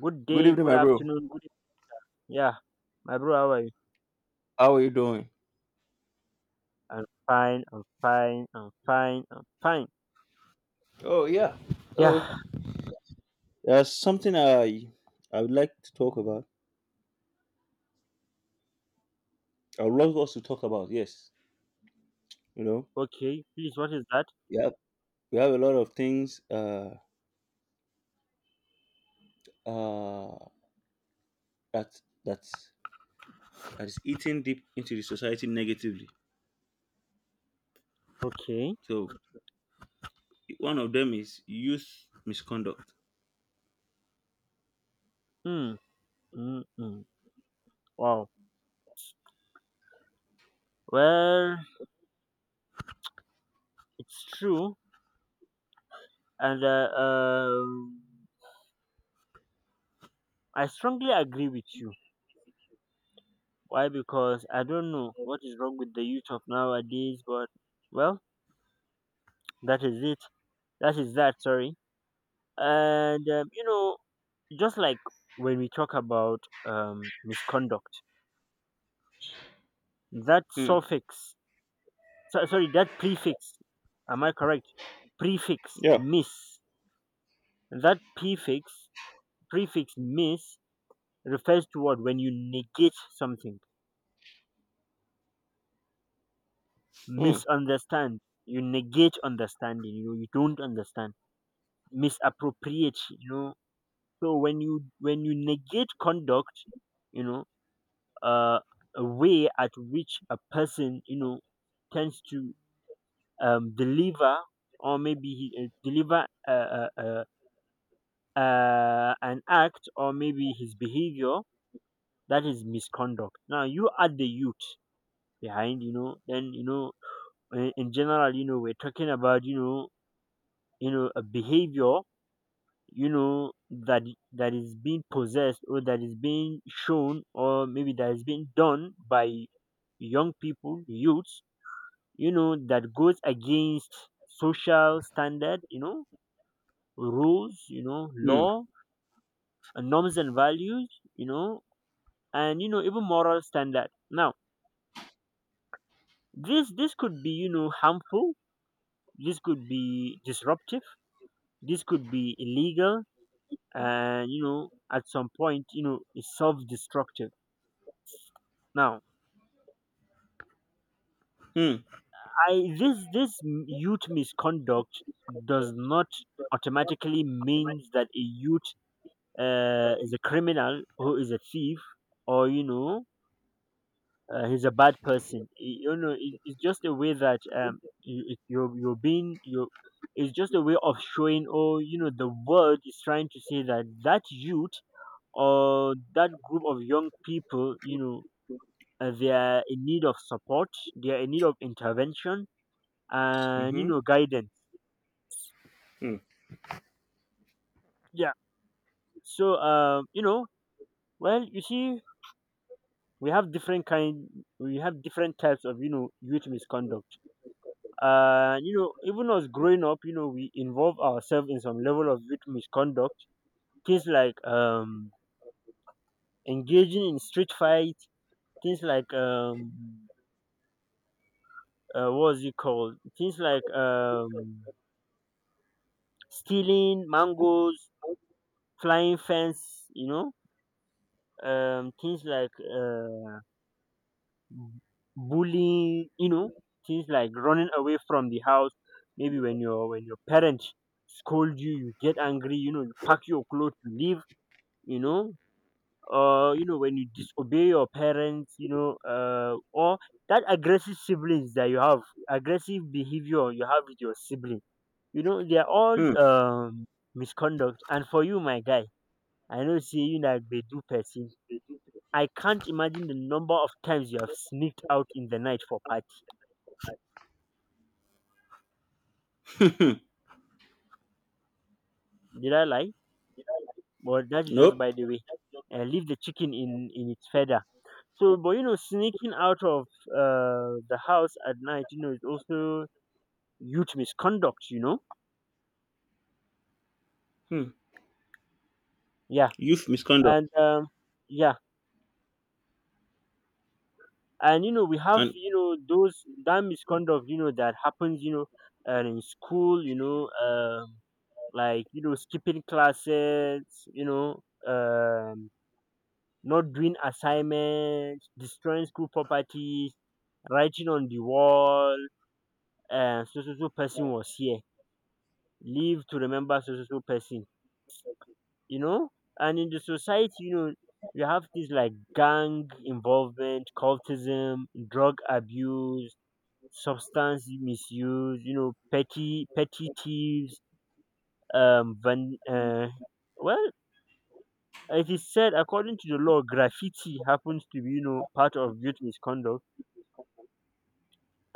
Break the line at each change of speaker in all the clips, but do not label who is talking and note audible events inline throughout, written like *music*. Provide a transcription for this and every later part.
Good
Good
day,
evening,
good
my bro.
afternoon, yeah. My bro, how are you?
How are you doing?
I'm fine, I'm fine, I'm fine, I'm fine.
Oh yeah. Oh,
Yeah,
there's something I would like to talk about. I would love us to talk about. Yes, you know,
okay. Please, what is that?
yeah, we have a lot of things uh that that that is eating deep into the society negatively.
Okay.
So one of them is youth misconduct.
Hmm. Mm, mm. Wow. Well, it's true, and I strongly agree with you. Why? Because I don't know what is wrong with the youth of nowadays, but well, that is it. That is that. Sorry. And just like when we talk about misconduct. That
Hmm.
suffix, sorry, that prefix, am I correct? Prefix,
Yeah.
miss. That prefix, miss, refers to what? When you negate something.
Hmm.
Misunderstand. You negate understanding. You don't understand. Misappropriate. So when you negate conduct, you know, uh, a way at which a person, tends to deliver, or maybe he, deliver a an act, or maybe his behavior. That is misconduct. Now you add the youth behind, then, in general, we're talking about, a behavior, that that is being possessed, or that is being shown, or maybe that is being done by young people, youths, that goes against social standard, rules,
Hmm.
law and norms and values, you know and, even moral standard. Now this could be, harmful. This could be disruptive. This could be illegal. And, at some point, it's self-destructive. Now
Hmm.
I this this youth misconduct does not automatically means that a youth, is a criminal, who is a thief, or he's a bad person. You know, it, it's just a way that you, you're being you. It's just a way of showing, oh, you know, the world is trying to say that that youth, or that group of young people, they are in need of support, they are in need of intervention, and,
Mm-hmm.
guidance.
Hmm.
Yeah. So, well, you see, we have different kind, we have different types of, youth misconduct. And, even us growing up, we involve ourselves in some level of youth misconduct. Things like engaging in street fight, things like what's it called, things like stealing mangoes, flying fence, things like bullying, things like running away from the house, maybe when your parents scold you, you get angry, you pack your clothes, you leave. you know or, when you disobey your parents, or that aggressive siblings that you have, aggressive behavior you have with your sibling, they are all,
Hmm.
misconduct. And for you, my guy, I know, see, you like bedu person. I can't imagine the number of times you have sneaked out in the night for party.
Hmm.
Did I lie? But that is just by
Nope.
the way. Leave the chicken in its feather. So, but you know, sneaking out of the house at night, you know, is also youth misconduct, you know.
Hmm.
Yeah.
Youth misconduct
And yeah. And, you know, we have,
and
you know, those that misconduct, you know, that happens, in school, you know, like, you know, skipping classes, you know, um not doing assignments, destroying school properties, writing on the wall, and so so so person was here. Live to remember so so so person. You know, and in the society, you have things like gang involvement, cultism, drug abuse, substance misuse, petty petty thieves, um van, uh, well, it is said according to the law, graffiti happens to be, part of youth misconduct.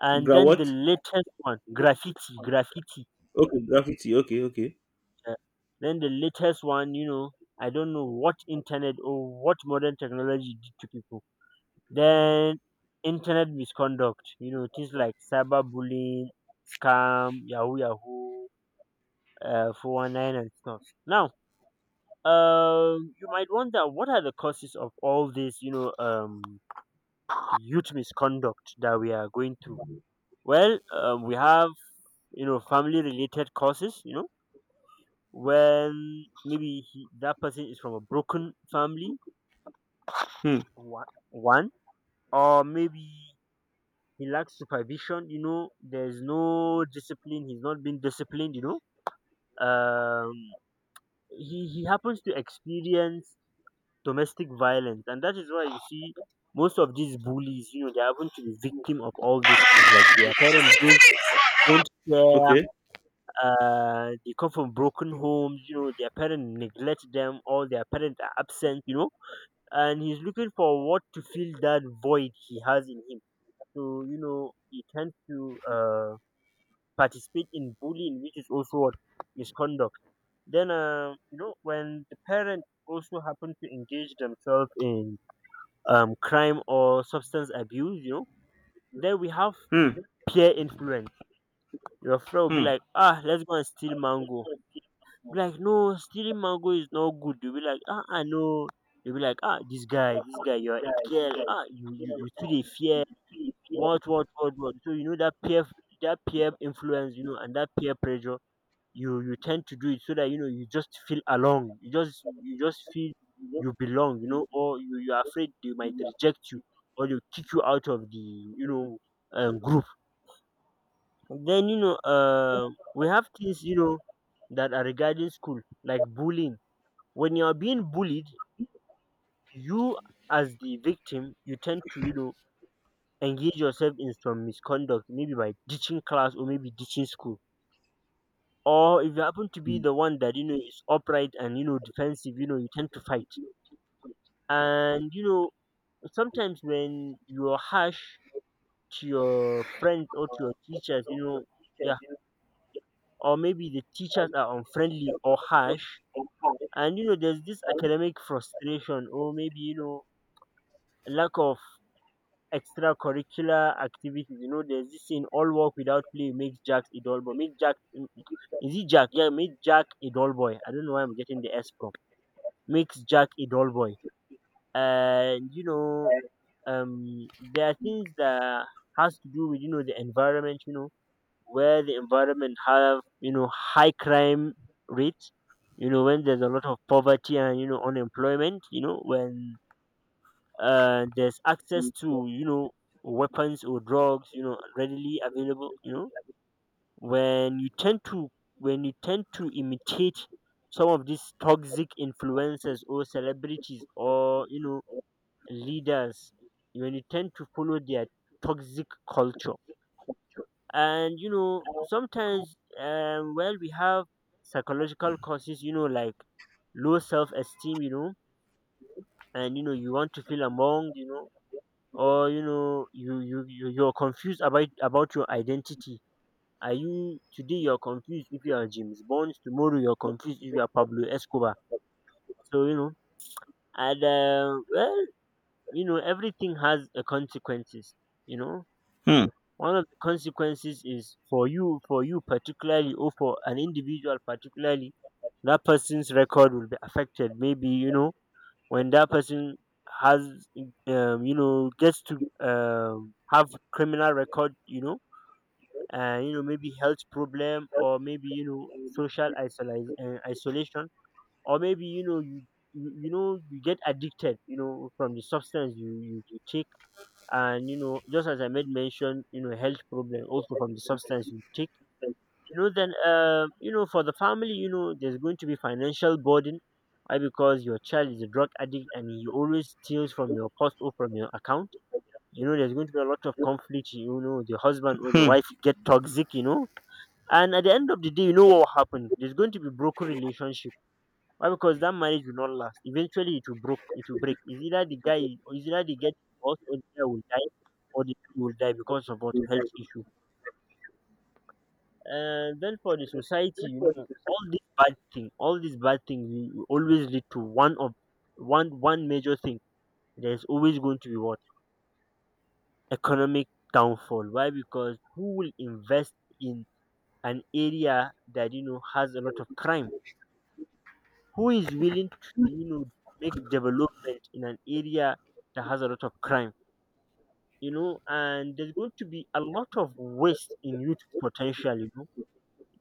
And
gra
then the
what?
latest one, graffiti, graffiti,
Okay, graffiti. Okay, okay.
uh, then the latest one, I don't know what internet or what modern technology did to people. Then internet misconduct, you know, things like cyberbullying, scam, yahoo yahoo, 419 and stuff. Now, you might wonder what are the causes of all this, youth misconduct that we are going through. Well, we have, family related causes, when maybe he, that person is from a broken family,
Hmm.
one, one, or maybe he lacks supervision. There's no discipline, he's not been disciplined, um he happens to experience domestic violence, and that is why you see most of these bullies, they happen to be victim of all these things, like their parents don't care,
Okay.
they come from broken homes, their parents neglect them, or their parents are absent, and he's looking for what to fill that void he has in him. So, he tends to participate in bullying, which is also what misconduct. Then, when the parent also happen to engage themselves in crime or substance abuse, then we have
Hmm.
peer influence. Your friend will be
Hmm.
like, ah, let's go and steal mango. Be like, no, stealing mango is not good. You'll be like, ah, I know. You'll be like, ah, this guy, you're a girl. Ah, you feel a fear. What, what. So, you know, that peer influence, and that peer pressure, you tend to do it so that, you just feel along, you just feel you belong. Or, you're afraid they might reject you, or they kick you out of the, group. Then, we have things, that are regarding school, like bullying. When you're being bullied, you, as the victim, you tend to, engage yourself in some misconduct, maybe by ditching class, or maybe ditching school, or if you happen to be the one that, is upright, and, defensive, you tend to fight. And, sometimes when you're harsh to your friends or to your teachers, you know, yeah, or maybe the teachers are unfriendly or harsh, and, there's this academic frustration, or maybe, lack of extracurricular activities. You know, there's this saying, all work without play makes Jack a dull boy. Make Jack, is it Jack? Yeah, make Jack a dull boy. I don't know why I'm getting the s from makes Jack a dull boy. And, you know, there are things that has to do with, the environment. You know, where the environment have, high crime rates. You know, when there's a lot of poverty, and, unemployment. You know, when, there's access to, weapons or drugs, you know, readily available. You know, when you tend to when you tend to imitate some of these toxic influences, or celebrities, or, leaders, when you tend to follow their toxic culture. And, you know, sometimes, well, we have psychological causes, like low self-esteem, you know, and, you want to feel among, or, you're confused about your identity. Are you today? You're confused if you are James Bond. Tomorrow you're confused if you are Pablo Escobar. So, you know, and, well, you know, everything has a consequences, you know.
Hmm.
One of the consequences is for you, for you particularly, or for an individual particularly, that person's record will be affected, maybe, when that person has, gets to, have criminal record, you know, and, maybe health problem, or maybe, social isolation, isolation, or maybe, you you know you get addicted, from the substance you take. And, just as I made mention, health problem also from the substance you take, you know. Then, you know, for the family, there's going to be financial burden. Why? Because your child is a drug addict, and he always steals from your purse, or from your account, you know. There's going to be a lot of conflict, you know, the husband or the
Hmm.
wife get toxic, you know, and at the end of the day, what will happen, there's going to be broken relationship. Why? Because that marriage will not last. Eventually it will broke, it will break. Is either the guy, is either the, get divorced, or the guy will die. All the people will die, because of what? Health issue. And then for the society, you know, all these bad thing, all these bad things, will always lead to one of one, one major thing. There's always going to be what? Economic downfall. Why? Because who will invest in an area that, you know, has a lot of crime? Who is willing to make development in an area that has a lot of crime? And there's going to be a lot of waste in youth potential, you know.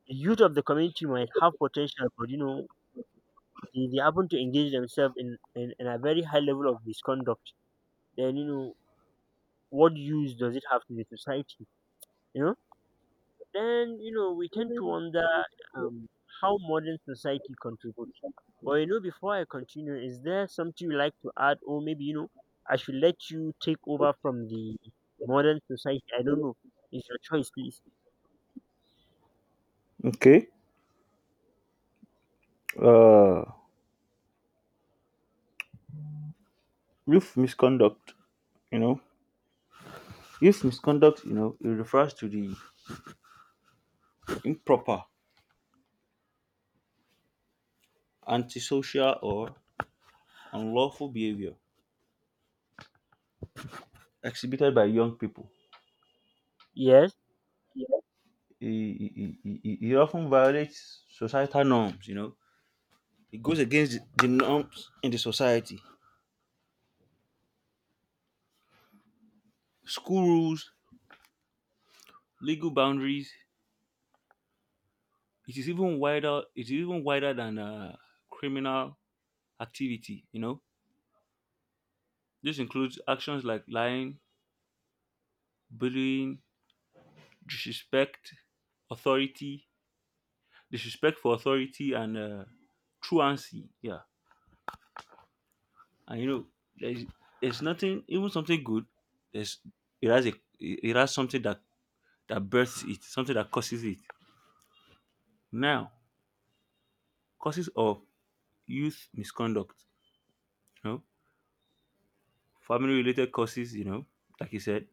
Youth of the community might have potential, but they happen to engage themselves in a very high level of misconduct. Then what use does it have to the society? You know, then we tend to wonder um, how modern society contributes. But before I continue, is there something you like to add, or maybe I should let you take over from the modern society? I don't know. It's your choice, please.
Okay. Uh, youth misconduct. You know, youth misconduct. You know, it refers to the improper, antisocial, or unlawful behavior exhibited by young people.
Yes.
It often violates societal norms. You know, it goes against the norms in the society, school rules, legal boundaries. It is even wider, it is even wider than criminal activity. You know, this includes actions like lying, bullying, disrespect authority, disrespect for authority, and truancy, yeah. And you know, there's, there's nothing even something good. There's, it has a, it has something that that births it, something that causes it. Now, causes of youth misconduct, you know, family related causes, you know, like you said,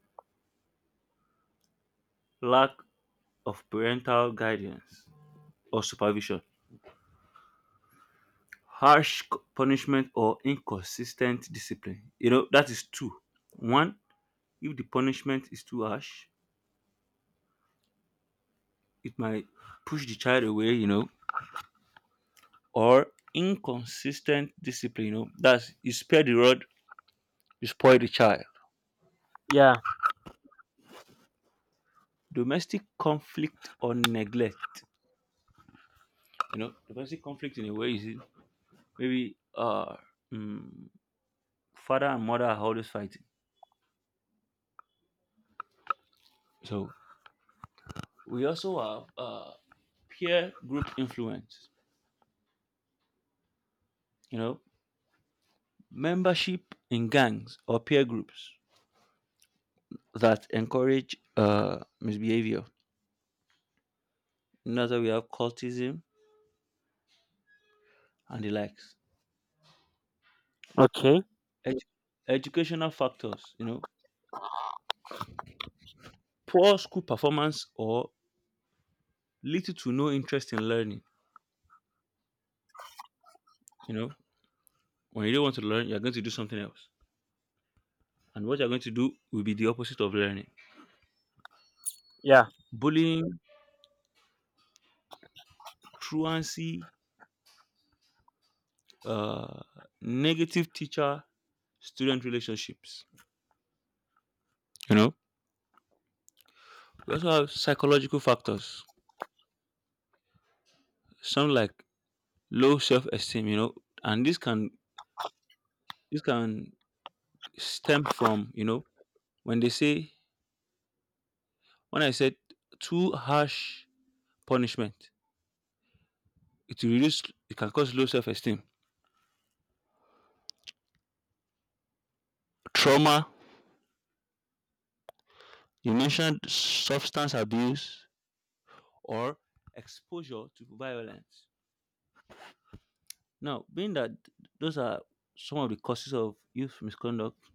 lack of parental guidance or supervision, harsh punishment or inconsistent discipline. You know, that is two. One, if the punishment is too harsh, it might push the child away, you know, or inconsistent discipline, you know, that's you spare the rod, you spoil the child.
Yeah.
Domestic conflict or neglect, you know, domestic conflict in a way is maybe mm, father and mother are always fighting. So we also have peer group influence, you know, membership in gangs or peer groups that encourage misbehavior. Another, we have cultism and the likes.
Okay.
Edu- educational factors, you know, poor school performance or little to no interest in learning. You know, when you don't want to learn, you're going to do something else, and what you're going to do will be the opposite of learning.
Yeah.
Bullying, truancy, uh, negative teacher student relationships, you know. We also have psychological factors. Some like low self-esteem, you know, and this can, this can stem from, you know, when they say, when I said too harsh punishment, it will reduce, it can cause low self-esteem. Trauma. You mentioned substance abuse or exposure to violence. Now, being that those are some of the causes of youth misconduct.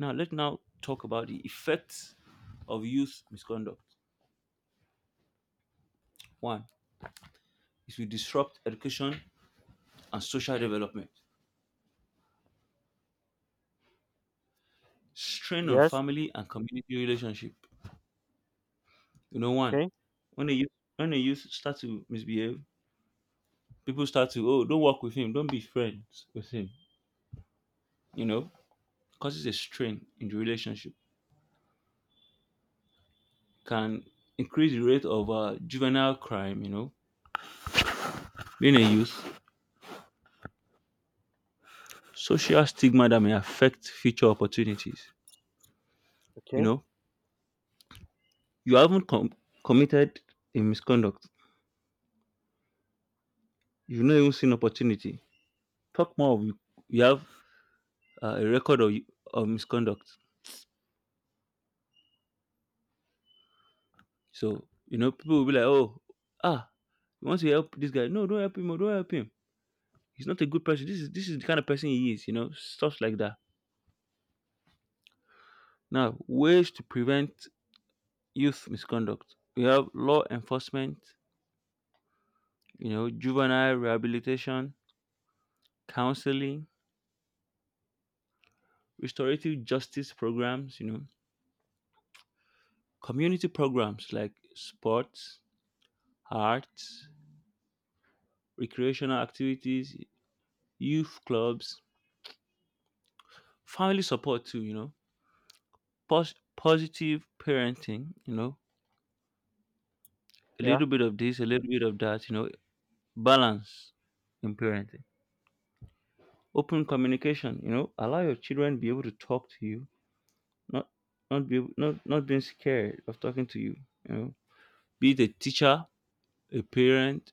Now, let's now talk about the effects of youth misconduct. One, it will disrupt education and social development, strain on
Yes.
family and community relationship. You know, one,
Okay.
when a youth, when a youth start to misbehave, people start to, oh, don't work with him, don't be friends with him. You know, causes a strain in the relationship, can increase the rate of juvenile crime, you know, being a youth, social stigma that may affect future opportunities. You
Okay.
know, you haven't committed a misconduct, you've not even seen opportunity. Talk more, you have a record of misconduct. So, you know, people will be like, oh, ah, you want to help this guy? No, don't help him. Oh, don't help him. He's not a good person. This is the kind of person he is. You know, stuff like that. Now, ways to prevent youth misconduct. We have law enforcement. You know, juvenile rehabilitation, counseling, restorative justice programs. You know, community programs like sports, arts, recreational activities, youth clubs, family support too. You know, positive parenting, you know, a
Yeah.
little bit of this, a little bit of that, you know, balance in parenting. Open communication, you know, allow your children to be able to talk to you, not not be not not being scared of talking to you, you know. Be it a teacher, a parent,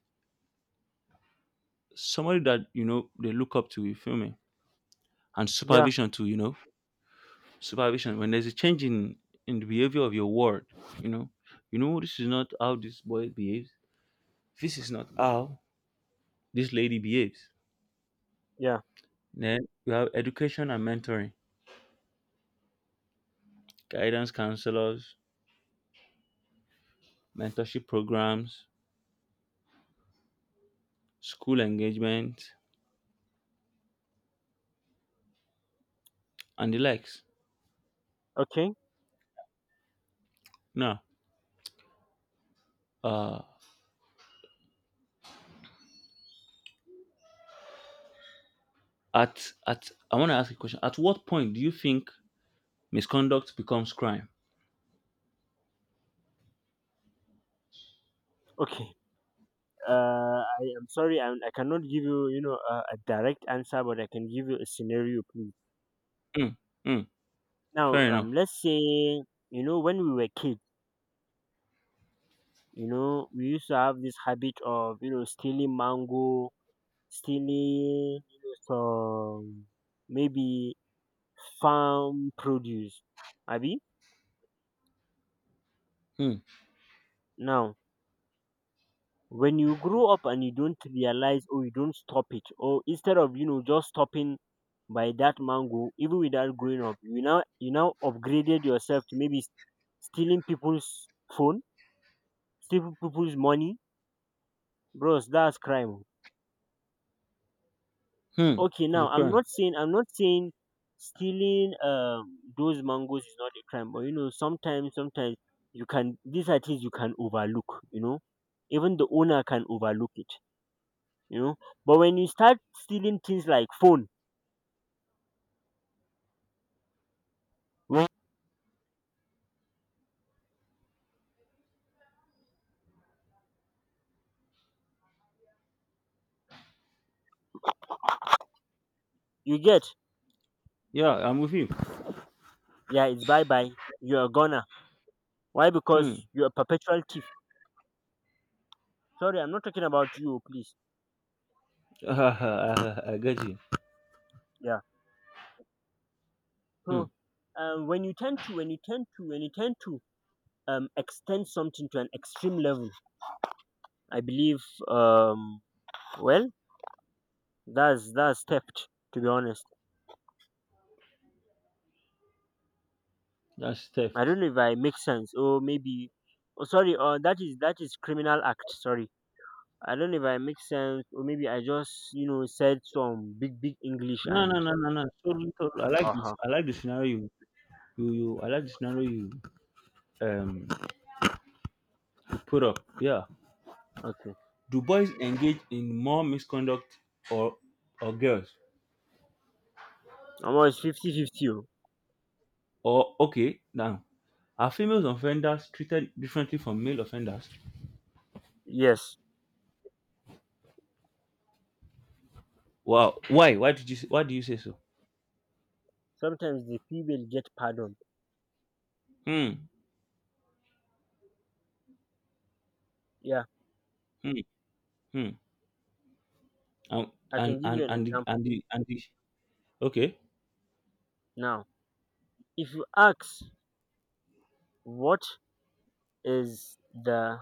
somebody that you know they look up to, you feel me? And
Yeah.
supervision too, you know. Supervision. When there's a change in the behavior of your ward, you know, you know this is not how this boy behaves. This is not how this lady behaves.
Yeah.
Then you have education and mentoring, guidance counselors, mentorship programs, school engagement, and the likes.
Okay.
Now, uh, at I want to ask a question. At what point do you think misconduct becomes crime?
Okay. I am sorry. I cannot give you, a direct answer, but I can give you a scenario, please.
Hmm. Hmm.
Now,
Fair enough.
let's say, when we were kids, we used to have this habit of, stealing mango, stealing, some maybe farm produce. Abi?
Hmm.
Now, when you grow up and you don't realize or you don't stop it, or instead of just stopping by that mango, even without growing up, you now, you now upgraded yourself to maybe stealing people's phone, stealing people's money. Bros, that's crime oh.
Hmm.
Okay,
It's a
now i'm
crime.
not saying i'm not saying stealing those mangoes is not a crime, but sometimes you can, these are things you can overlook, even the owner can overlook it, you know. But when you start stealing things like phone, well, you get.
Yeah, I'm with you.
Yeah, it's bye bye. You're a goner. Why?
Hmm.
Because you're a perpetual thief. Sorry, I'm not talking about you, please.
*laughs* I get you.
Yeah.
Hmm.
So when you tend to, when you tend to, when you tend to extend something to an extreme level, I believe, um, well, that's theft. To be honest,
That's
I
theft.
don't know if I make sense. Or maybe, oh, sorry. That is criminal act. Sorry. I don't know if I make sense, or maybe I just, said some big, big English
No, no,
and
no, no, no. Totally, totally. I like this.
uh-huh.
I like the scenario you, you, you. I like the scenario you um put up, yeah.
Okay.
Do boys engage in more misconduct or or girls?
Almost 50-50. Oh.
Or okay, now are female offenders treated differently from male offenders?
Yes.
Wow, why? Why did you say, why do you say so?
Sometimes the female get pardoned.
Hmm.
Yeah.
Hmm. Hmm. And
I can give you an
and the
example.
and the, and the okay.
Now, if you ask what is the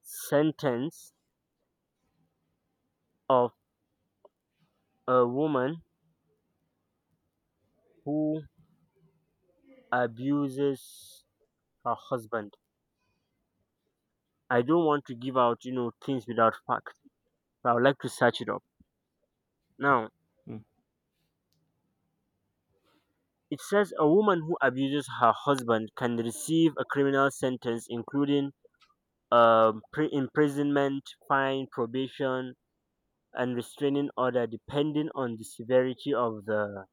sentence of a woman who abuses her husband, I don't want to give out, things without facts. So I would like to search it up. Now,
Hmm.
it says a woman who abuses her husband can receive a criminal sentence, including pri imprisonment, fine, probation, and restraining order, depending on the severity of the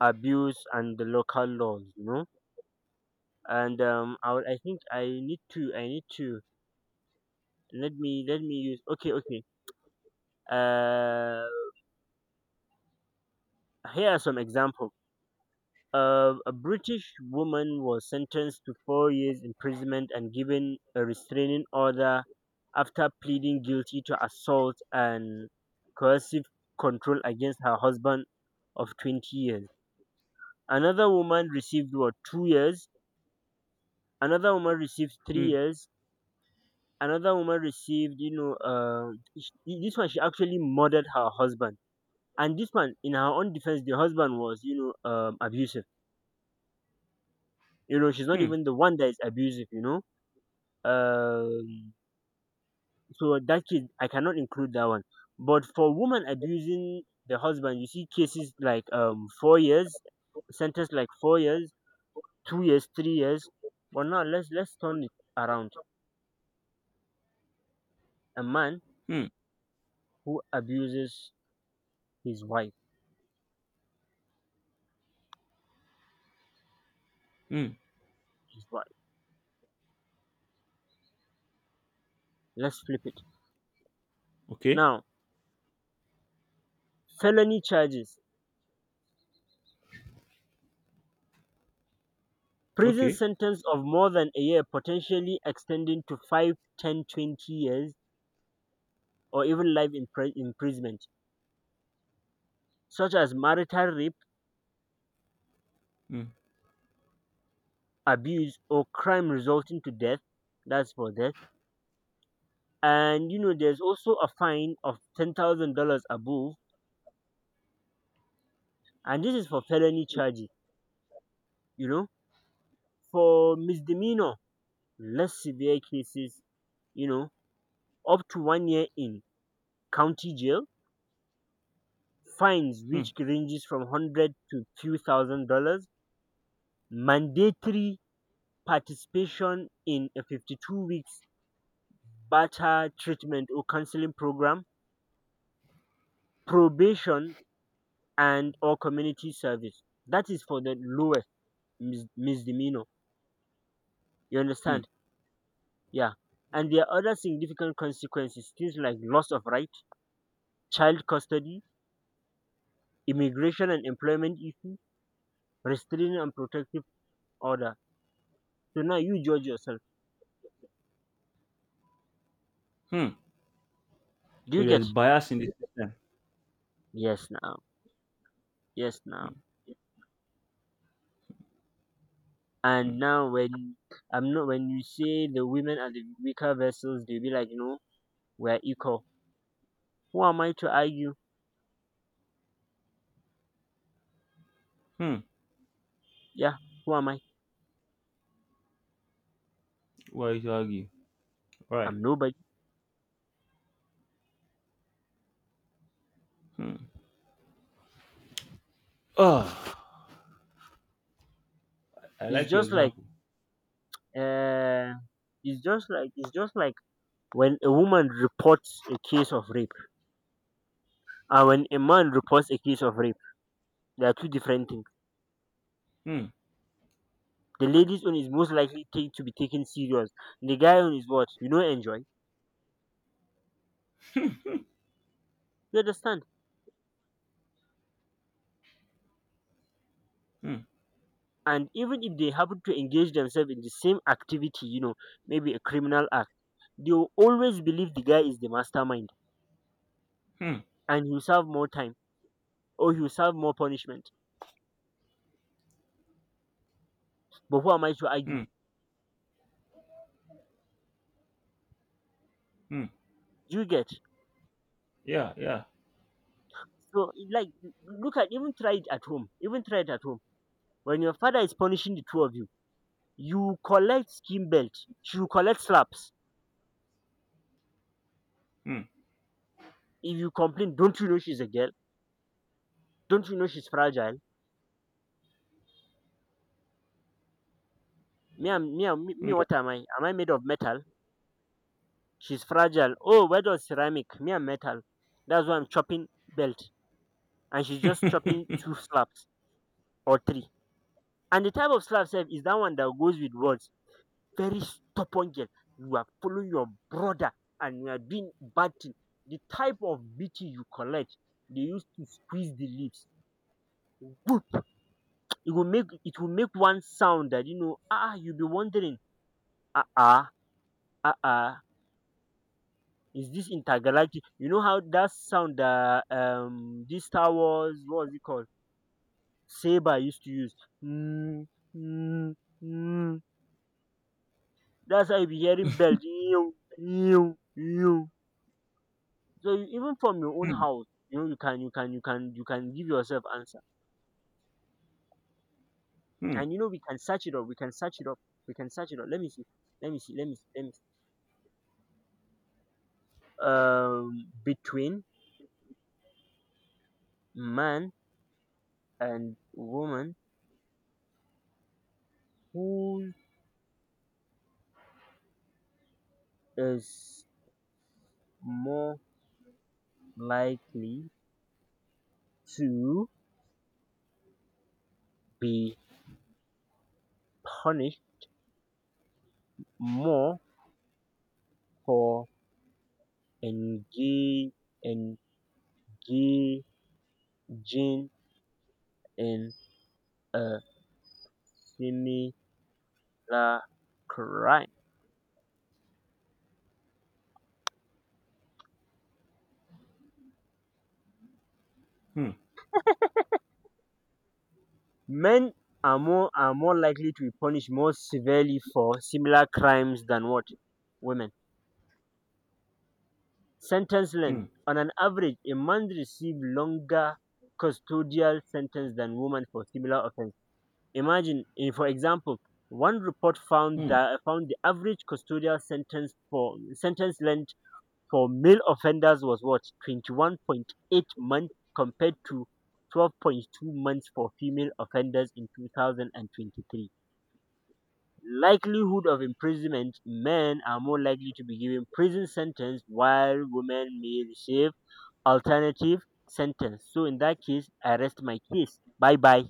abuse and the local laws, And I think I need to, let me, let me use, okay, okay. Uh, here are some examples. A British woman was sentenced to 4 years imprisonment and given a restraining order after pleading guilty to assault and coercive control against her husband of 20 years. Another woman received what, 2 years. Another woman received three
Hmm.
years. Another woman received, this one, she actually murdered her husband. And this one, in her own defense, the husband was, abusive. You know, she's not
Hmm.
even the one that is abusive. Um so that case I cannot include that one, but for woman abusing the husband, you see cases like 4 years sentence, like 4 years, 2 years, 3 years. But now let's turn it around. A man
Hmm.
who abuses his wife,
Hmm.
his wife, let's flip it.
Okay.
Now, felony charges, prison
Okay.
sentence of more than a year, potentially extending to 5, 10, 20 years, or even life imprisonment, such as marital rape,
Hmm.
abuse, or crime resulting to death. That's for death. And you know there's also a fine of $10,000 above. And this is for felony charges, you know. For misdemeanor, less severe cases, you know, up to 1 year in county jail, fines
Hmm.
which ranges from hundred to few thousand dollars, mandatory participation in a 52 weeks barter treatment or counseling program, probation and or community service. That is for the lowest misdemeanor. You
Hmm.
understand? Yeah. And there are other significant consequences, things like loss of right, child custody, immigration and employment issue, restraining and protective order. So now you judge yourself.
Hmm.
Do
So
you get?
there's bias in the system.
Yes now. Yes
Hmm.
now.
Hmm.
And now when I'm not, when you say the women are the weaker vessels, they'll be like, we're equal. Who am I to argue?
Hmm.
Yeah, who am I?
Why you argue? Right.
I'm nobody.
Hmm. Oh, I
It's
like your
just like
example.
uh, it's just like when a woman reports a case of rape and when a man reports a case of rape, they are two different things.
Hmm.
The lady's one is most likely to be taken serious. The guy one is what, you know, enjoy. You understand.
Hmm.
And even if they happen to engage themselves in the same activity, you know, maybe a criminal act, they will always believe the guy is the mastermind,
Hmm.
and he'll serve more time or he'll serve more punishment. But who am I to argue?
Hmm. Hmm.
You get.
Yeah. Yeah.
So, like, look at, even try it at home. Even try it at home. When your father is punishing the two of you, you collect skin belt. She will collect slaps.
Hmm.
If you complain, don't you know she's a girl? Don't you know she's fragile? Me, I'm, me, I'm, me,
Hmm.
me, what am I? Am I made of metal? She's fragile. Oh, where does ceramic? Me, I'm metal. That's why I'm chopping belt. And she's just chopping
*laughs*
two slaps or three. And the type of slap sef is that one that goes with words. Very stubborn girl. You are following your brother and you are doing bad thing. The type of beating you collect, they used to squeeze the lips. Whoop! It will make one sound that you know. Ah, you'll be wondering. Ah ah ah ah. Is this intergalactic? You know how that sound that this Star Wars, what was it called? Saber used to use. Mm, mm, mm. That's how you be hearing bells. Ew, ew, ew. So you, even from your own
Hmm.
house, you can give yourself answer.
Hmm.
And you know, we can search it up. We can search it up. We can search it up. Let me see. Let me see. Let me see. Let me see. Between man and woman, who is more likely to be punished more for engage engaging in a similar crime?
Hmm.
Men are more likely to be punished more severely for similar crimes than what women. Sentence
Hmm.
length: on an average, a man receives longer custodial sentence than women for similar offense. Imagine, eh, for example, one report
Hmm.
found the average custodial sentence for sentence length for male offenders was what, 21.8 months, compared to 12.2 months for female offenders in 2023. Likelihood of imprisonment, men are more likely to be given prison sentence while women may receive alternative sentence. So in that case, I rest my case. Bye bye.